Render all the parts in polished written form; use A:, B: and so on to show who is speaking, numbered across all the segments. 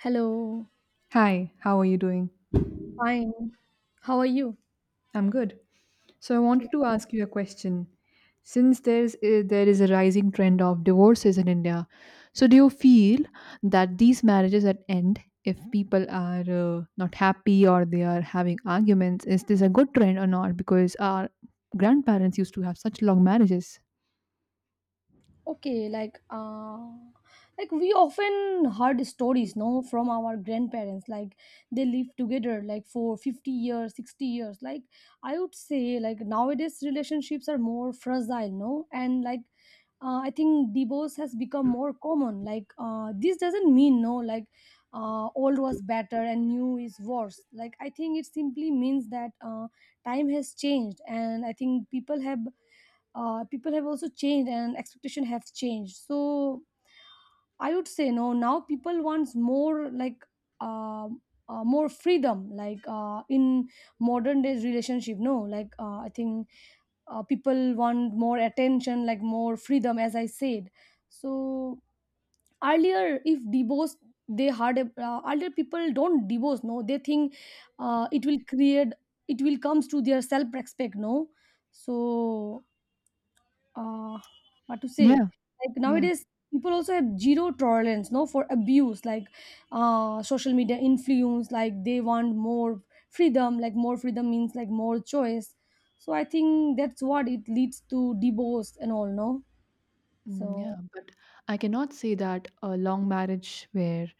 A: Hello,
B: Hi, how are you doing?
A: fine. How are you?
B: I'm good. So I wanted to ask you a question. Since there is a rising trend of divorces in India, so do you feel that these marriages that end if people are not happy or they are having arguments, is this a good trend or not? Because our grandparents used to have such long marriages.
A: Okay, like we often heard stories, no, from our grandparents. Like they lived together like for 50 years, 60 years. Like I would say like nowadays relationships are more fragile, no. And like I think divorce has become more common. Like this doesn't mean, no, like old was better and new is worse. Like I think it simply means that time has changed, and I think people have also changed, and expectation have changed. So I would say, no, now people wants more, like um more freedom, like in modern days relationship, no, like I think people want more attention, like more freedom, as I said. So earlier if divorce they had a, earlier people don't divorce, no, they think uh, it will create it will comes to their self respect, no. So uh what to say.
B: Yeah,
A: Like
B: yeah.
A: nowadays people also have zero tolerance, no, for abuse. Like social media influence, like they want more freedom, like more freedom means like more choice. So I think that's what it leads to divorce and all, no. So
B: Yeah, but I cannot say that a long marriage where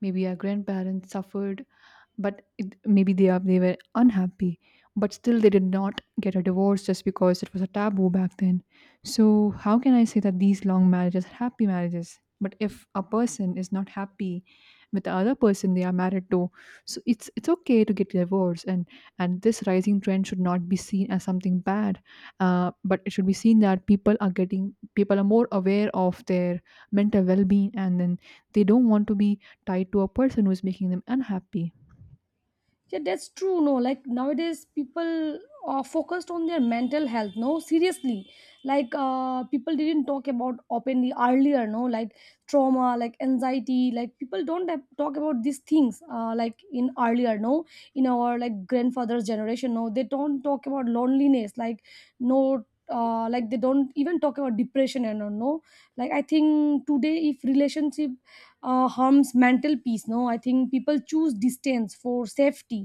B: maybe our grandparents suffered, but maybe they were unhappy, but still they did not get a divorce just because it was a taboo back then. So how can I say that these long marriages are happy marriages? But if a person is not happy with the other person they are married to, so it's okay to get divorced, and this rising trend should not be seen as something bad, but it should be seen that people are more aware of their mental well-being, and then they don't want to be tied to a person who is making them unhappy.
A: yeah, that's true. No, like nowadays people are focused on their mental health. No, seriously, like people didn't talk about openly earlier. No, like trauma, like anxiety, like people don't have- talk about these things. Like in earlier, no, in our like grandfather's generation, no, they don't talk about loneliness. Like no. Like they don't even talk about depression and all, no. Like I think today if relationship harms mental peace, no, I think people choose distance for safety.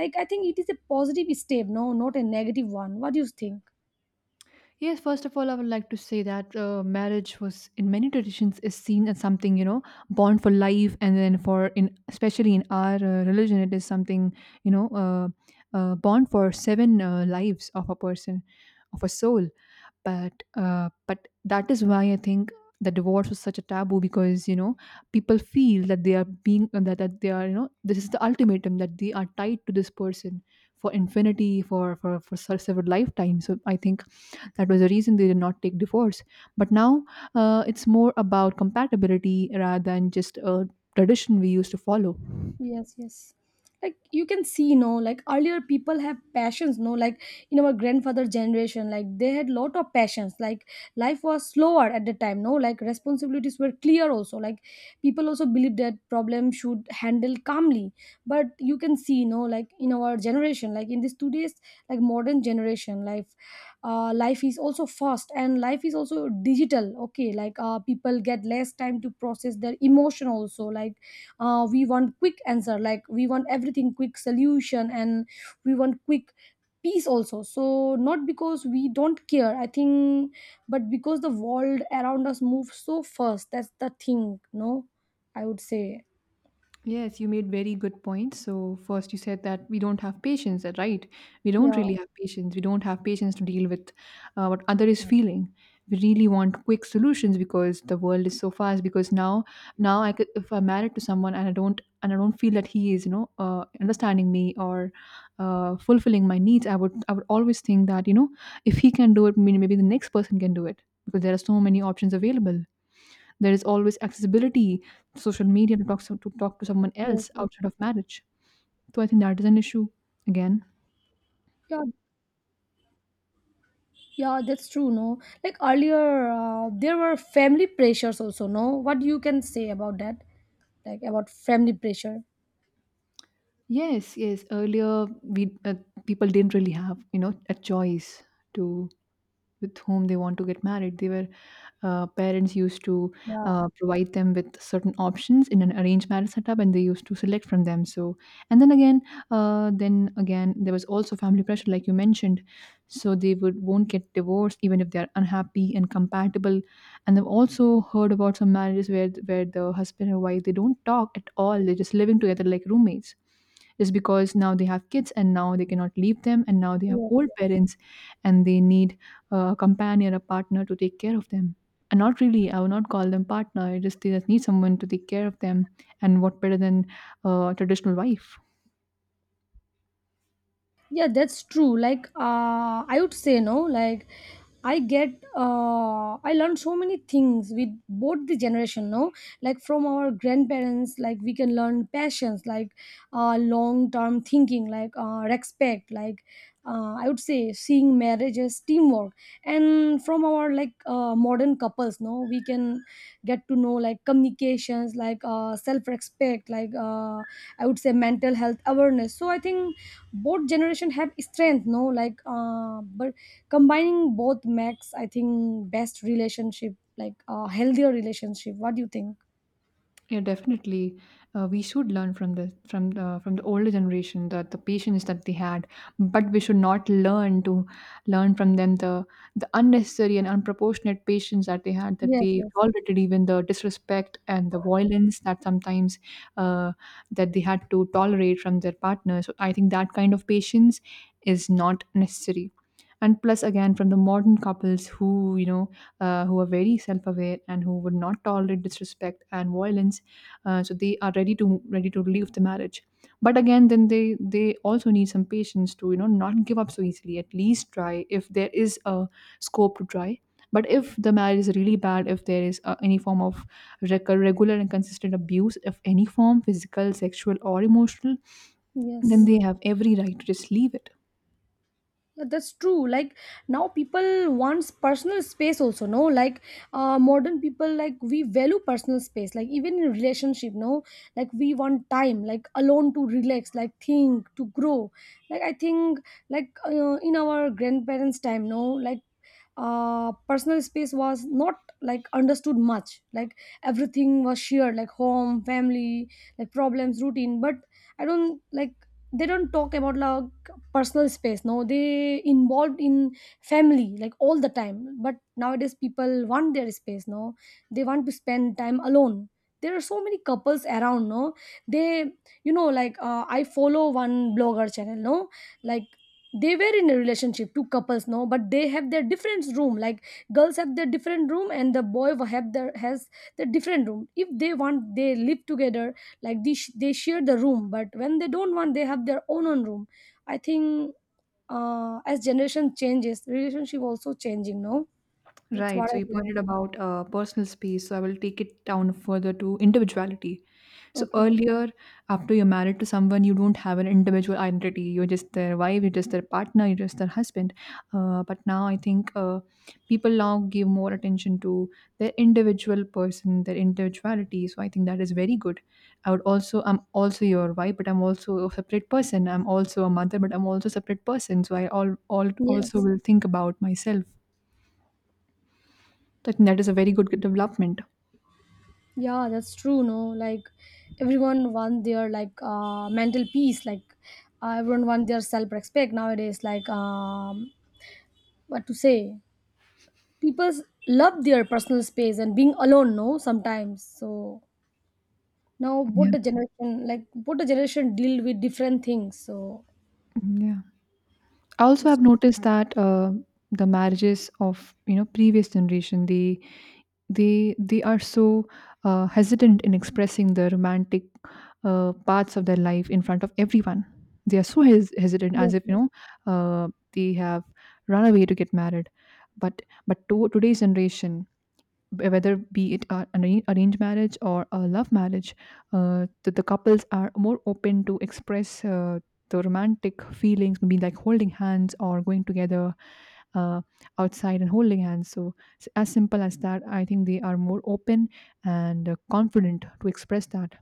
A: Like I think it is a positive step, no, not a negative one. What do you think?
B: Yes, first of all, I would like to say that marriage was in many traditions is seen as something, you know, born for life, and then for in especially in our religion, it is something, you know, born for seven lives of a person, of a soul. But that is why I think the divorce was such a taboo, because, you know, people feel that they are being that they are, you know, this is the ultimatum, that they are tied to this person for infinity, for se- several lifetimes. So I think that was the reason they did not take divorce. But now, it's more about compatibility rather than just a tradition we used to follow.
A: Yes, yes. Like you can see, no, like earlier people have passions, no, like in our grandfather generation, like they had lot of passions. Like life was slower at the time, no, like responsibilities were clear also. Like people also believed that problem should handle calmly. But you can see, no, like in our generation, like in this today's like modern generation, life, life is also fast and life is also digital. Okay, like people get less time to process their emotion also, like we want quick answer, like we want everything quick solution, and we want quick peace also. So not because we don't care, I think, but because the world around us moves so fast, that's the thing, no, I would say.
B: Yes, you made very good points. So first you said that we don't have patience, right? We don't
A: Yeah.
B: really have patience. We don't have patience to deal with what other is feeling. We really want quick solutions because the world is so fast. Because now, now I could, if I'm married to someone and I don't feel that he is, you know, understanding me or fulfilling my needs, I would always think that, you know, if he can do it, may- maybe the next person can do it, because there are so many options available. There is always accessibility to social media to talk, so- to talk to someone
A: Yes,
B: else
A: yes.
B: outside of marriage. So I think that is an issue again.
A: Yeah. Yeah, that's true, no. Like earlier there were family pressures also, no. What you can say about that, like about family pressure?
B: Yes, yes. Earlier, we people didn't really have, you know, a choice to, with whom they want to get married. They were parents used to
A: Yeah.
B: provide them with certain options in an arranged marriage setup, and they used to select from them. So, and then again, then again, there was also family pressure, like you mentioned. So they would won't get divorced even if they are unhappy and compatible. And I've also heard about some marriages where the husband and wife they don't talk at all. They're just living together like roommates, just because now they have kids and now they cannot leave them, and now they have
A: Yes.
B: old parents and they need a companion, a partner to take care of them. And not really, I would not call them partner. They just need someone to take care of them. And what better than a traditional wife?
A: Yeah, that's true. Like I would say, no, like I learned so many things with both the generation, no. Like from our grandparents like we can learn passions, like long term thinking, like respect, like I would say, seeing marriage as teamwork. And from our like modern couples, no, we can get to know like communications, like self respect, like I would say mental health awareness. So I think both generation have strength, no, like but combining both makes I think best relationship, like a healthier relationship. What do you think?
B: Yeah, definitely. We should learn from the older generation, that the patience that they had, but we should not learn to learn from them the unnecessary and unproportionate patience that they had, that
A: Yes,
B: they
A: yes,
B: tolerated even the disrespect and the violence that sometimes uh, that they had to tolerate from their partners. So I think that kind of patience is not necessary. And plus, again, from the modern couples who, you know, who are very self-aware and who would not tolerate disrespect and violence, so they are ready to leave the marriage. But again, then they also need some patience to, you know, not give up so easily, at least try if there is a scope to try. But if the marriage is really bad, if there is any form of rec- regular and consistent abuse of any form, physical, sexual, or emotional, then
A: yes.
B: they have every right to just leave it.
A: Yeah, that's true. Like now people wants personal space also, no, like modern people, like we value personal space, like even in relationship, no, like we want time like alone to relax, like think to grow. Like I think like in our grandparents time, no, like personal space was not like understood much. Like everything was shared, like home, family, like problems routine. But I don't, like they don't talk about like personal space, no, they involved in family like all the time. But nowadays people want their space, no, they want to spend time alone. There are so many couples around, no. They, you know, like I follow one blogger channel, no, like they were in a relationship, two couples, no, but they have their different room, like girls have their different room and the boy have their has the different room. If they want they live together, like they share the room, but when they don't want they have their own room. I think as generation changes, relationship also changing, no. That's what
B: Right. So
A: I
B: you
A: think.
B: pointed about personal space. So I will take it down further to individuality. So
A: Okay.
B: earlier, after you're married to someone, you don't have an individual identity. You're just their wife, you're just their partner, you're just their husband. But now I think people now give more attention to their individual person, their individuality. So I think that is very good. I'm also your wife, but I'm also a separate person. I'm also a mother, but I'm also a separate person. So all also
A: Yes.
B: will think about myself. I think that is a very good development.
A: Yeah, that's true. No, like everyone want their like mental peace. Like everyone want their self respect nowadays. Like what to say? People love their personal space and being alone, no, sometimes. So now both
B: Yeah.
A: the generation, like both the generation, deal with different things. So
B: Yeah. I also
A: that's,
B: have noticed that the marriages of, you know, previous generation, they are so hesitant in expressing the romantic parts of their life in front of everyone. They are so hes- hesitant, as
A: yes.
B: if, you
A: Yes.
B: know, they have run away to get married. Today's generation, b- whether be it a- an arra- arranged marriage or a love marriage, that the couples are more open to express the romantic feelings, maybe like holding hands or going together uh, outside and holding hands. So, s- as simple as that, I think they are more open and confident to express that.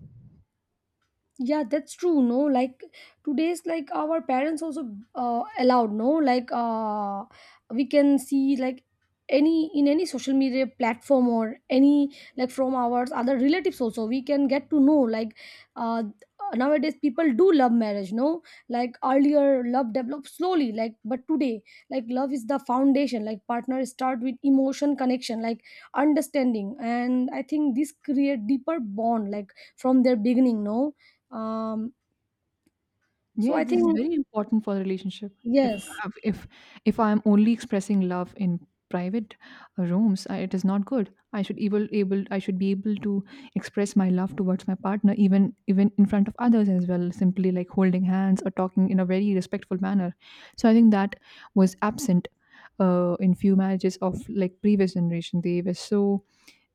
A: Yeah, that's true, no. Like today's like our parents also allowed, no, like we can see like any in any social media platform or any like from our other relatives also we can get to know like uh, nowadays people do love marriage, no, like earlier love develops slowly, like but today like love is the foundation, like partners start with emotion connection, like understanding, and I think this create deeper bond like from their beginning, no. um so I
B: Yes, this is
A: think
B: very important for a relationship. If
A: yes.
B: if if I am only expressing love in private rooms, it is not good. I should be able to express my love towards my partner, even in front of others as well. Simply like holding hands or talking in a very respectful manner. So I think that was absent in few marriages of like previous generation. They were so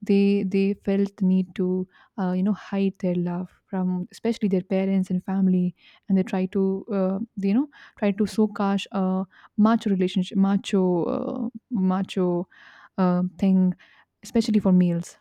B: they felt the need to you know, hide their love from especially their parents and family, and they try to you know, try to soak a macho relationship, macho macho thing, especially for males.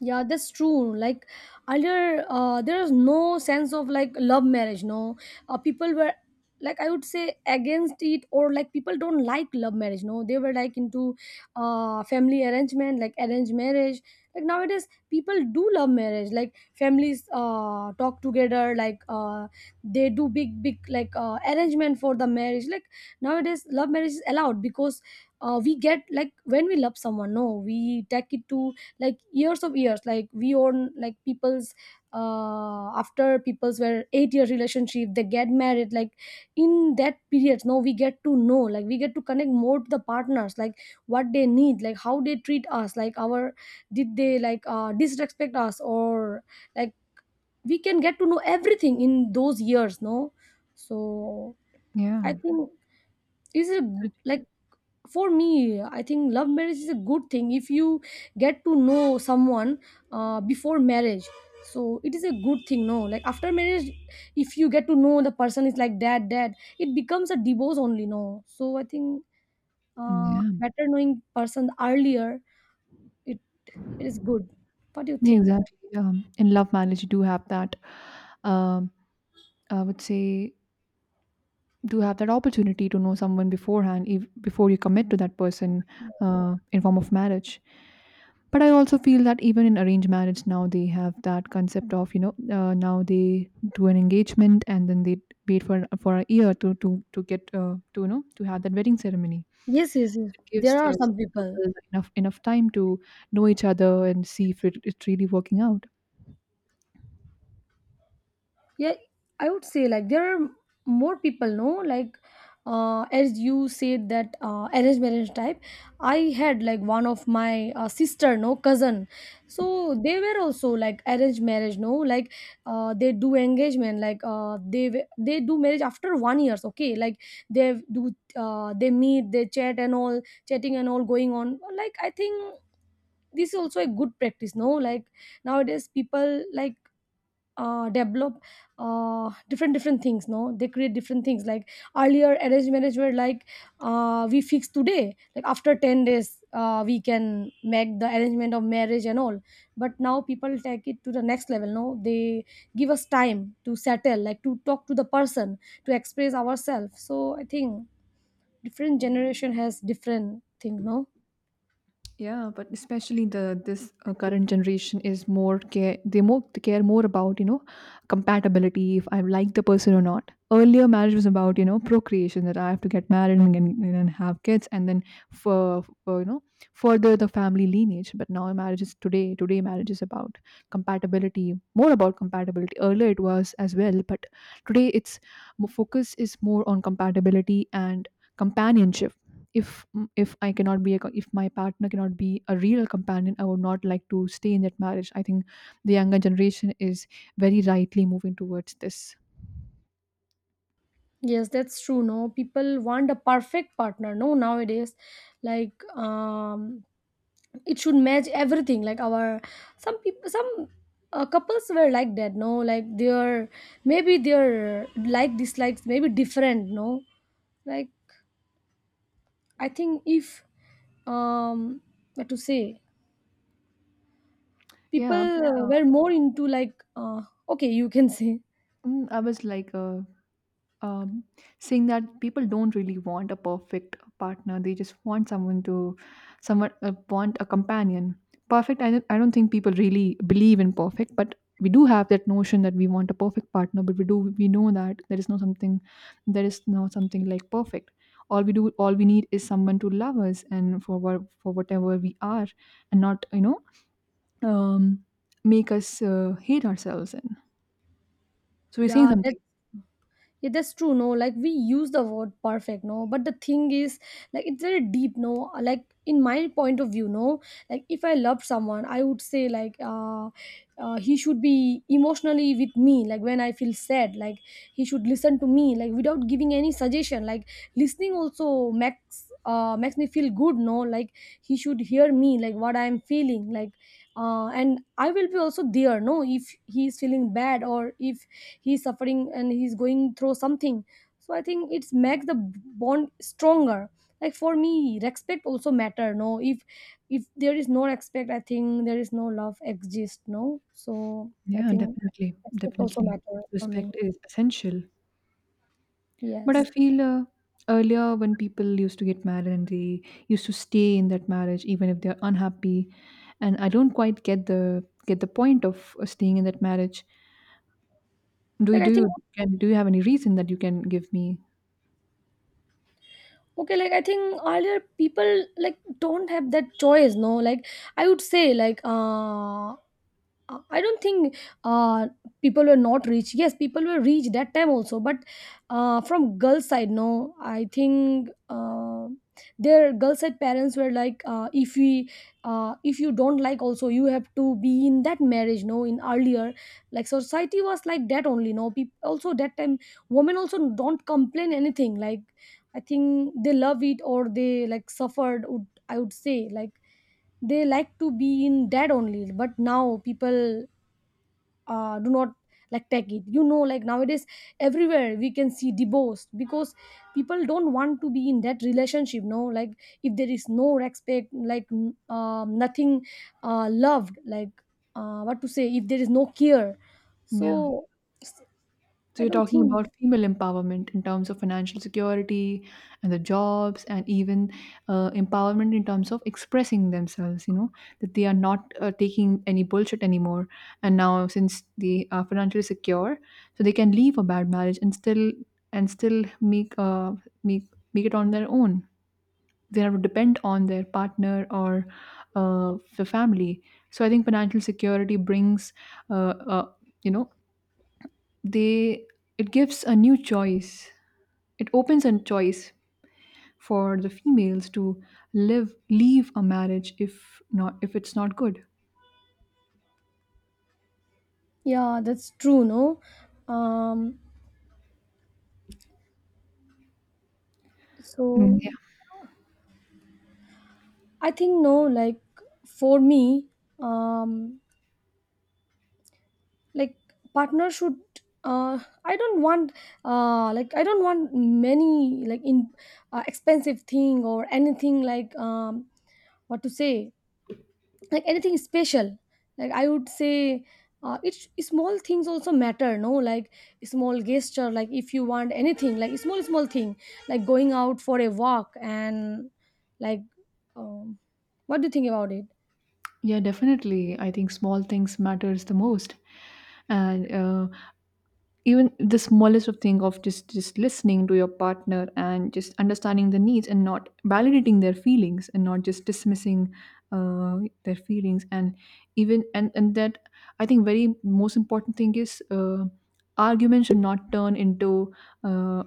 A: Yeah, that's true. Like earlier, there was no sense of like love marriage. No, people were like, I would say against it, or like people don't like love marriage. No, they were like into family arrangement, like arranged marriage. Like nowadays, people do love marriage. Like families talk together. Like they do big, big like arrangement for the marriage. Like nowadays, love marriage is allowed because we get like when we love someone, no, we take it to like years of years, like we own like people's after people's were 8-year relationship they get married. Like in that period now we get to know, like we get to connect more to the partners, like what they need, like how they treat us, like our did they like disrespect us or like we can get to know everything in those years, no. So
B: Yeah.
A: I think, is it,
B: Good.
A: like for me I think love marriage is a good thing if you get to know someone before marriage. So it is a good thing, no, like after marriage if you get to know the person is like dad dad, it becomes a divorce only, no. So I think
B: Mm, yeah,
A: better knowing person earlier, it, it is good. What do you
B: yeah,
A: think?
B: exactly, yeah. In love marriage you do have that, um I would say, do have that opportunity to know someone beforehand, if, before you commit to that person in form of marriage. But I also feel that even in arranged marriage now they have that concept of, you know, now they do an engagement and then they wait for a year to get to, you know, to have that wedding ceremony.
A: Yes, yes,
B: So
A: yes,
B: it gives
A: there are some
B: the
A: people.
B: couple enough time to know each other and see if it's really working out.
A: Yeah, I would say like there are more people, no, like as you said that arranged marriage type. I had like one of my sister, no, cousin. So they were also like arranged marriage, no, like they do engagement, like they do marriage after one years. Okay, like they do they meet, they chat and all, chatting and all going on. Like I think this is also a good practice, no, like nowadays people like develop different different things, no, they create different things. Like earlier arranged marriage were like we fix today like after 10 days we can make the arrangement of marriage and all. But now people take it to the next level, no, they give us time to settle, like to talk to the person, to express ourselves. So I think different generation has different thing, no.
B: Yeah, but especially the this current generation is more care. They care more about, you know, compatibility, if I like the person or not. Earlier, marriage was about, you know, procreation, that I have to get married and, have kids, and then for, you know, further the family lineage. But now marriage is today. Today marriage is about compatibility, more about compatibility. Earlier it was as well, but today it's mo- focus is more on compatibility and companionship. If I cannot be a if my partner cannot be a real companion, I would not like to stay in that marriage. I think the younger generation is very rightly moving towards this.
A: Yes, that's true, no. People want a perfect partner, no, nowadays. Like it should match everything, like our some people, some couples were like that, no, like their maybe their like dislikes maybe different, no. Like I think if um what to say, people
B: Yeah, but
A: were more into like okay you can say.
B: I was um, saying that people don't really want a perfect partner, they just want someone to, someone want a companion. Perfect, I don't think people really believe in perfect, but we do have that notion that we want a perfect partner, but we do, we know that there is no something, like perfect. All we need is someone to love us, and for what, for whatever we are, and not, you know, um, make us hate ourselves, and so we're saying
A: Yeah, that.
B: something.
A: Yeah, that's true, no. Like we use the word perfect, no, but the thing is like it's very deep, no. Like in my point of view, no, like if I love someone I would say like he should be emotionally with me. Like when I feel sad like he should listen to me, like without giving any suggestion, like listening also makes me feel good, no, like he should hear me like what I am feeling. Like and I will be also there, no, if he is feeling bad, or if he's suffering and he's going through something. So I think it's makes the bond stronger. Like for me respect also matter, no. If if there is no respect, I think there is no love exist, no. So I
B: Yeah,
A: think
B: definitely,
A: respect also
B: definitely.
A: matter for me.
B: Respect is essential. But I
A: Yes.
B: feel earlier when people used to get married and they used to stay in that marriage even if they're unhappy, and I don't quite get the point of staying in that marriage.
A: Like I think,
B: Do you have any reason that you can give me?
A: okay like I think earlier people like don't have that choice, no, like I would say like I don't think uh, people were not rich. Yes, people were rich that time also, but from girl side, no. I think their girl side parents were like, if we, if you don't like, also you have to be in that marriage, no. In earlier, like society was like that only, no. People also that time, women also don't complain anything. Like I think they love it, or they like suffered. Would I would say like they like to be in that only, but now people do not like take it, like nowadays everywhere we can see divorce because people don't want to be in that relationship, no. Like if there is no respect, like nothing loved, like what to say, if there is no care.
B: Yeah,
A: So I I
B: so you're
A: don't
B: talking
A: think.
B: about female empowerment in terms of financial security and the jobs, and even empowerment in terms of expressing themselves. You know that they are not taking any bullshit anymore, and now since they are financially secure, so they can leave a bad marriage and still and still make uh, make make it on their own. They have to depend on their partner or the family. So I think financial security brings uh, uh, you know they it gives a new choice, it opens a choice for the females to live leave a marriage if not if it's not good.
A: Yeah, that's true. No. um
B: Mm.
A: so
B: Yeah,
A: I think no, like for me, um like partner should, uh, I don't want, like I don't want many, like in expensive thing or anything, like what to say, like anything special, like I would say it's small things also matter, no, like small gesture, like if you want anything, like small small thing, like going out for a walk, and like um, what do you think about it?
B: yeah, definitely, I think small things matters the most. And even the smallest of thing of just listening to your partner and just understanding the needs and not validating their feelings and not just dismissing uh, their feelings. And even and and that I think very most important thing is argument should not turn into uh,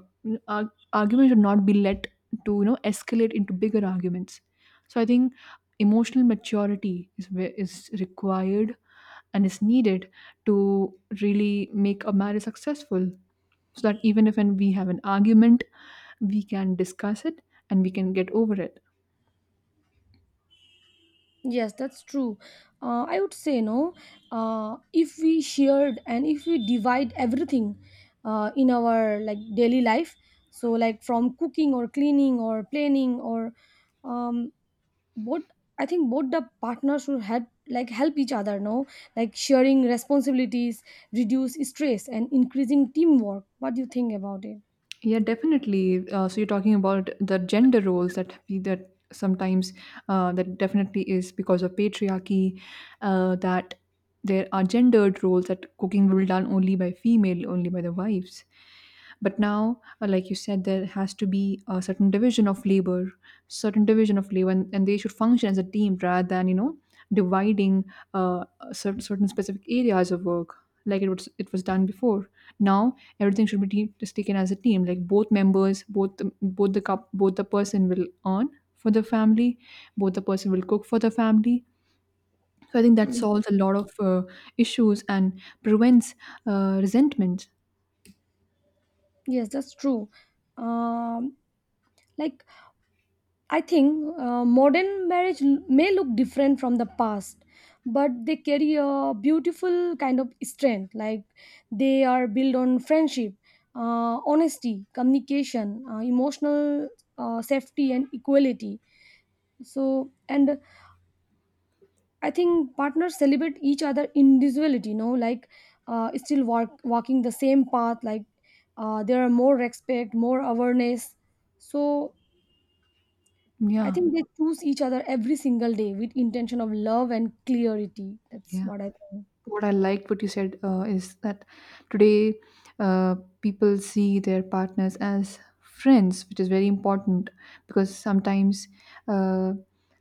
B: ar- argument should not be let to escalate into bigger arguments. So I think emotional maturity is where is required and is needed to really make a marriage successful, so that even if and we have an argument, we can discuss it and we can get over it.
A: Yes, that's true. I would say no. If we shared and if we divide everything in our like daily life, so like from cooking or cleaning or planning or um, both, I think both the partners should help, like help each other. No, like sharing responsibilities, reduce stress, and increasing teamwork. What do you think about it?
B: Yeah, definitely. So you're talking about the gender roles that sometimes that definitely is because of patriarchy, that there are gendered roles that cooking will be done only by female, only by the wives. But now, like you said, there has to be a certain division of labor, certain division of labor, and they should function as a team rather than dividing uh, certain certain specific areas of work like it was done before. Now everything should be just taken as a team, like both members both the person will earn for the family, both the person will cook for the family. So I think that solves a lot of issues and prevents resentment.
A: Yes, that's true. Um, like I think modern marriage may look different from the past, but they carry a beautiful kind of strength. Like they are built on friendship, honesty, communication, emotional safety, and equality. So, and I think partners celebrate each other individuality. You know, like still walking the same path. Like there are more respect, more awareness. So I
B: Yeah,
A: think they choose each other every single day with intention of love and clarity. That's
B: yeah,
A: what I think.
B: what I liked what you said is that today people see their partners as friends, which is very important because sometimes uh,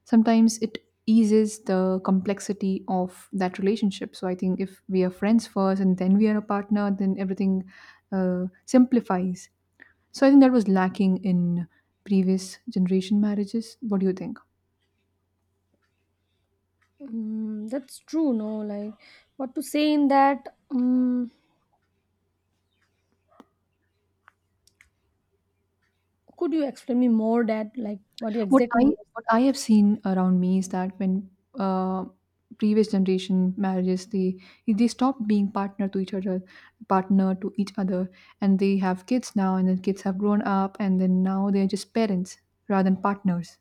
B: it eases the complexity of that relationship. So I think if we are friends first and then we are a partner, then everything simplifies. So I think that was lacking in previous generation marriages. What do you think?
A: Mm, that's true. No, like what to say in that? Mm, could you explain me more that like what you
B: What I
A: exactly?
B: have seen around me is that when uh, previous generation marriages, they stop being partner to each other, partner to each other, and they have kids now, and then kids have grown up, and then now they're just parents rather than partners.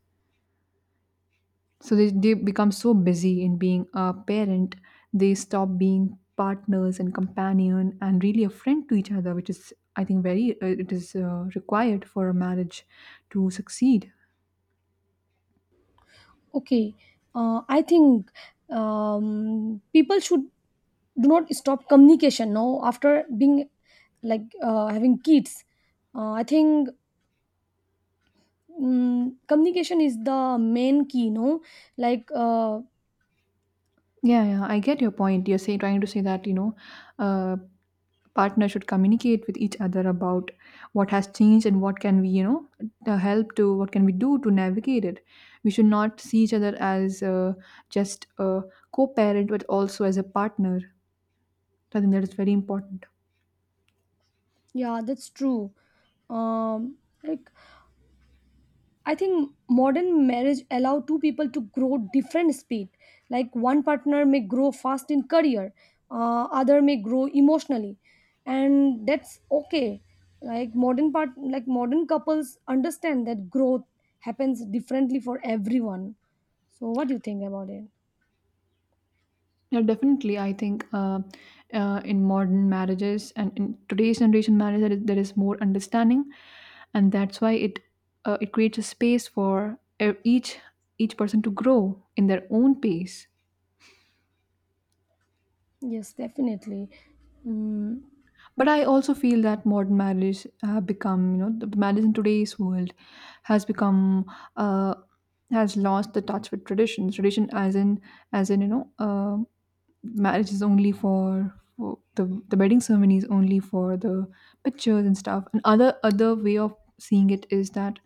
B: So they become so busy in being a parent, they stop being partners and companion and really a friend to each other, which is I think very it is required for a marriage to succeed.
A: Okay, I think people should do not stop communication. No, after being, like having kids, I think. Mm, communication is the main key, no, like
B: Yeah, yeah, I get your point. You're saying trying to say that uh, partners should communicate with each other about what has changed and what can we help to what can we do to navigate it. We should not see each other as just a co-parent, but also as a partner. I think that is very important.
A: Yeah, that's true. Um, like I think modern marriage allow two people to grow different speed. Like one partner may grow fast in career, other may grow emotionally, and that's okay. Like modern couples understand that growth happens differently for everyone. So, what do you think about it?
B: Yeah, definitely. I think in modern marriages and in today's generation marriage, there is more understanding, and that's why it creates a space for each person to grow in their own pace.
A: Yes, definitely. Mm,
B: But I also feel that modern marriages have become, you know, the marriage in today's world has become uh, has lost the touch with tradition. Tradition, as in you know, marriage is only for, the wedding ceremony is only for the pictures and stuff. And other way of seeing it is that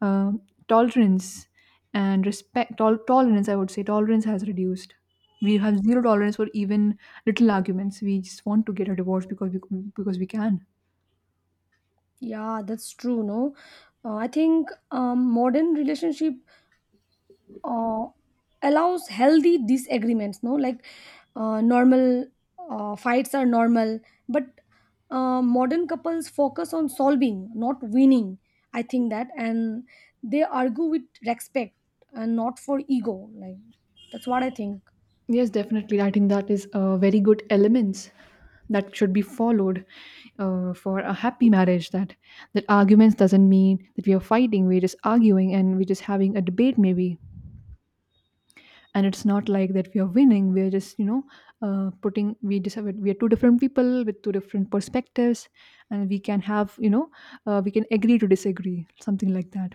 B: uh, tolerance and respect tolerance, I would say tolerance has reduced. We have zero tolerance for even little arguments. We just want to get a divorce because we can.
A: yeah, that's true. No. I think modern relationship uh, allows healthy disagreements, no, like normal fights are normal, but modern couples focus on solving not winning. I think that. And they argue with respect and not for ego, like that's what I think.
B: Yes, definitely. I think that is a very good elements that should be followed for a happy marriage. That arguments doesn't mean that we are fighting. We're just arguing and we're just having a debate, maybe. And it's not like that we are winning. We're just you know putting we just have we are two different people with two different perspectives, and we can have we can agree to disagree, something like that.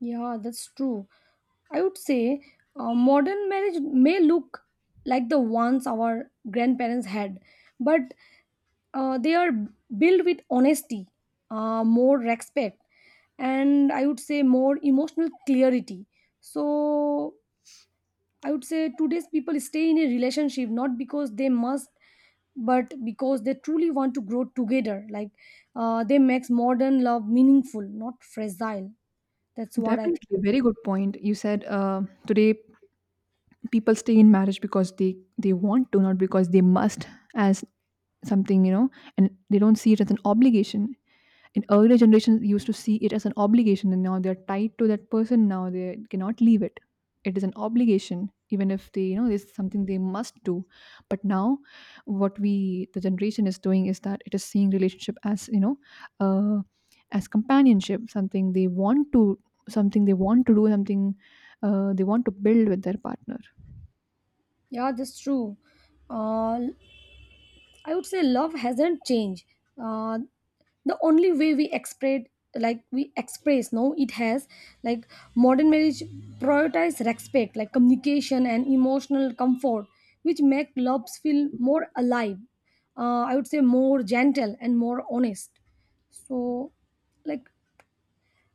A: Yeah, that's true. I would say modern marriage may look like the ones our grandparents had, but they are built with honesty, more respect, and I would say more emotional clarity. So I would say today's people stay in a relationship not because they must, but because they truly want to grow together. Like they makes modern love meaningful, not fragile. That's what I
B: Definitely,
A: think.
B: very good point. You said today people stay in marriage because they want to, not because they must, as something, you know, and they don't see it as an obligation. In earlier generations they used to see it as an obligation, and now they're tied to that person, now they cannot leave it. It is an obligation even if they, you know, it's something they must do. But now what we the generation is doing is that it is seeing relationship as, you know, uh, as companionship, something they want to, something they want to do something they want to build with their partner.
A: Yeah, that's true. uh, I would say love hasn't changed. Uh, the only way we express, no, it has. Like modern marriage prioritize respect, like communication and emotional comfort, which make loves feel more alive. I would say more gentle and more honest. So, like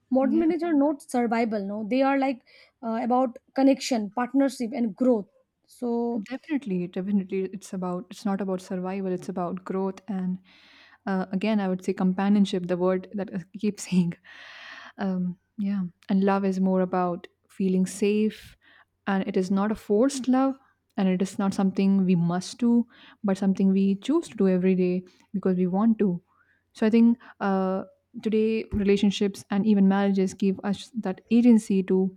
A: modern
B: Yeah,
A: marriage are not survival. No, they are like about connection, partnership, and growth. So
B: definitely, definitely. It's about it's not about survival. It's about growth, and again, I would say companionship. The word that I keep saying, yeah. And love is more about feeling safe, and it is not a forced love, and it is not something we must do, but something we choose to do every day because we want to. So I think today relationships and even marriages give us that agency to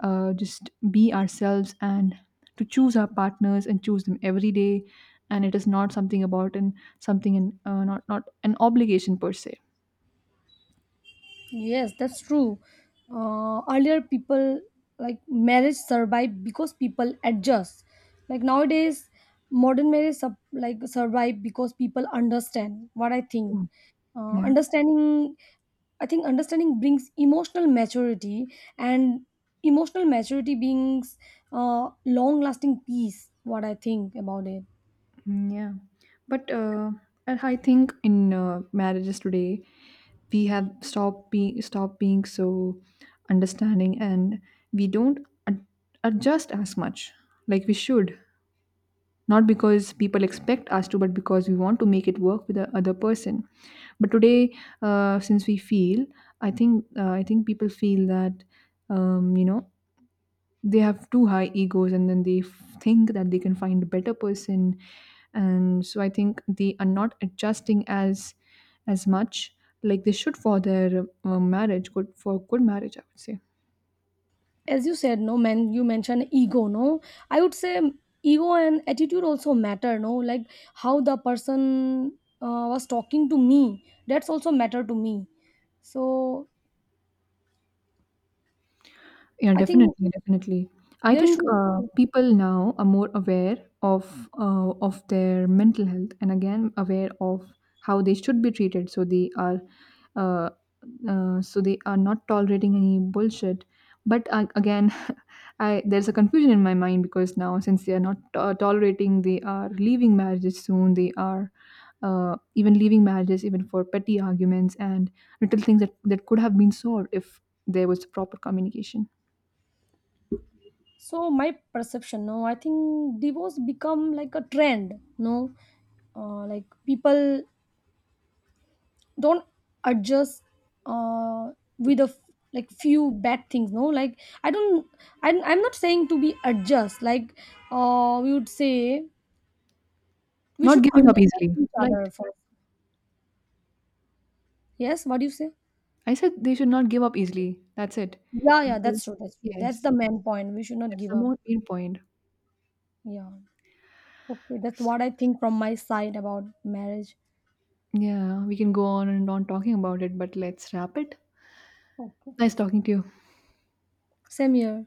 B: just be ourselves and to choose our partners and choose them every day, and it is not something about and something in not an obligation per se.
A: Yes, that's true. Earlier, people, like marriage survive because people adjust. Like nowadays, modern marriage like survive because people understand what I think.
B: Mm, yeah.
A: Understanding, I think understanding brings emotional maturity, and emotional maturity brings long-lasting peace. What I think about it.
B: Mm, yeah, but and I think in marriages today we have stopped being so understanding, and we don't ad- adjust as much like we should, not because people expect us to, but because we want to make it work with the other person. But today, since we feel, I think people feel that, you know, they have too high egos, and then they think that they can find a better person, and so I think they are not adjusting as much like they should for their marriage good for good marriage, I would say.
A: As you said, no man, you mentioned ego, no. I would say ego and attitude also matter, no, like how the person was talking to me, that's also matter to me. So
B: Yeah,
A: I think
B: definitely, definitely. I
A: there
B: think
A: should.
B: people now are more aware of their mental health, and again aware of how they should be treated. Uh, so they are not tolerating any bullshit. But again, I there's a confusion in my mind, because now since they are not tolerating, they are leaving marriages soon. They are. Even leaving marriages even for petty arguments and little things that could have been solved if there was proper communication.
A: So my perception, no, I think divorce become like a trend, no. Like people don't adjust uh, with a like few bad things, no, like I don't. I'm not saying to be adjust, like we would say we
B: Not
A: should
B: giving up
A: understand
B: easily.
A: each
B: Right.
A: other first. Yes, what do you say?
B: I said they should not give up easily. That's it.
A: Yeah, yeah,
B: They-
A: that's true, that's true, that's
B: yes.
A: the main point. We should not
B: That's
A: give
B: the
A: up.
B: more main point.
A: Yeah. Okay, that's what I think from my side about marriage.
B: Yeah, we can go on and on talking about it, but let's wrap it.
A: Okay.
B: Nice talking to you.
A: Same here.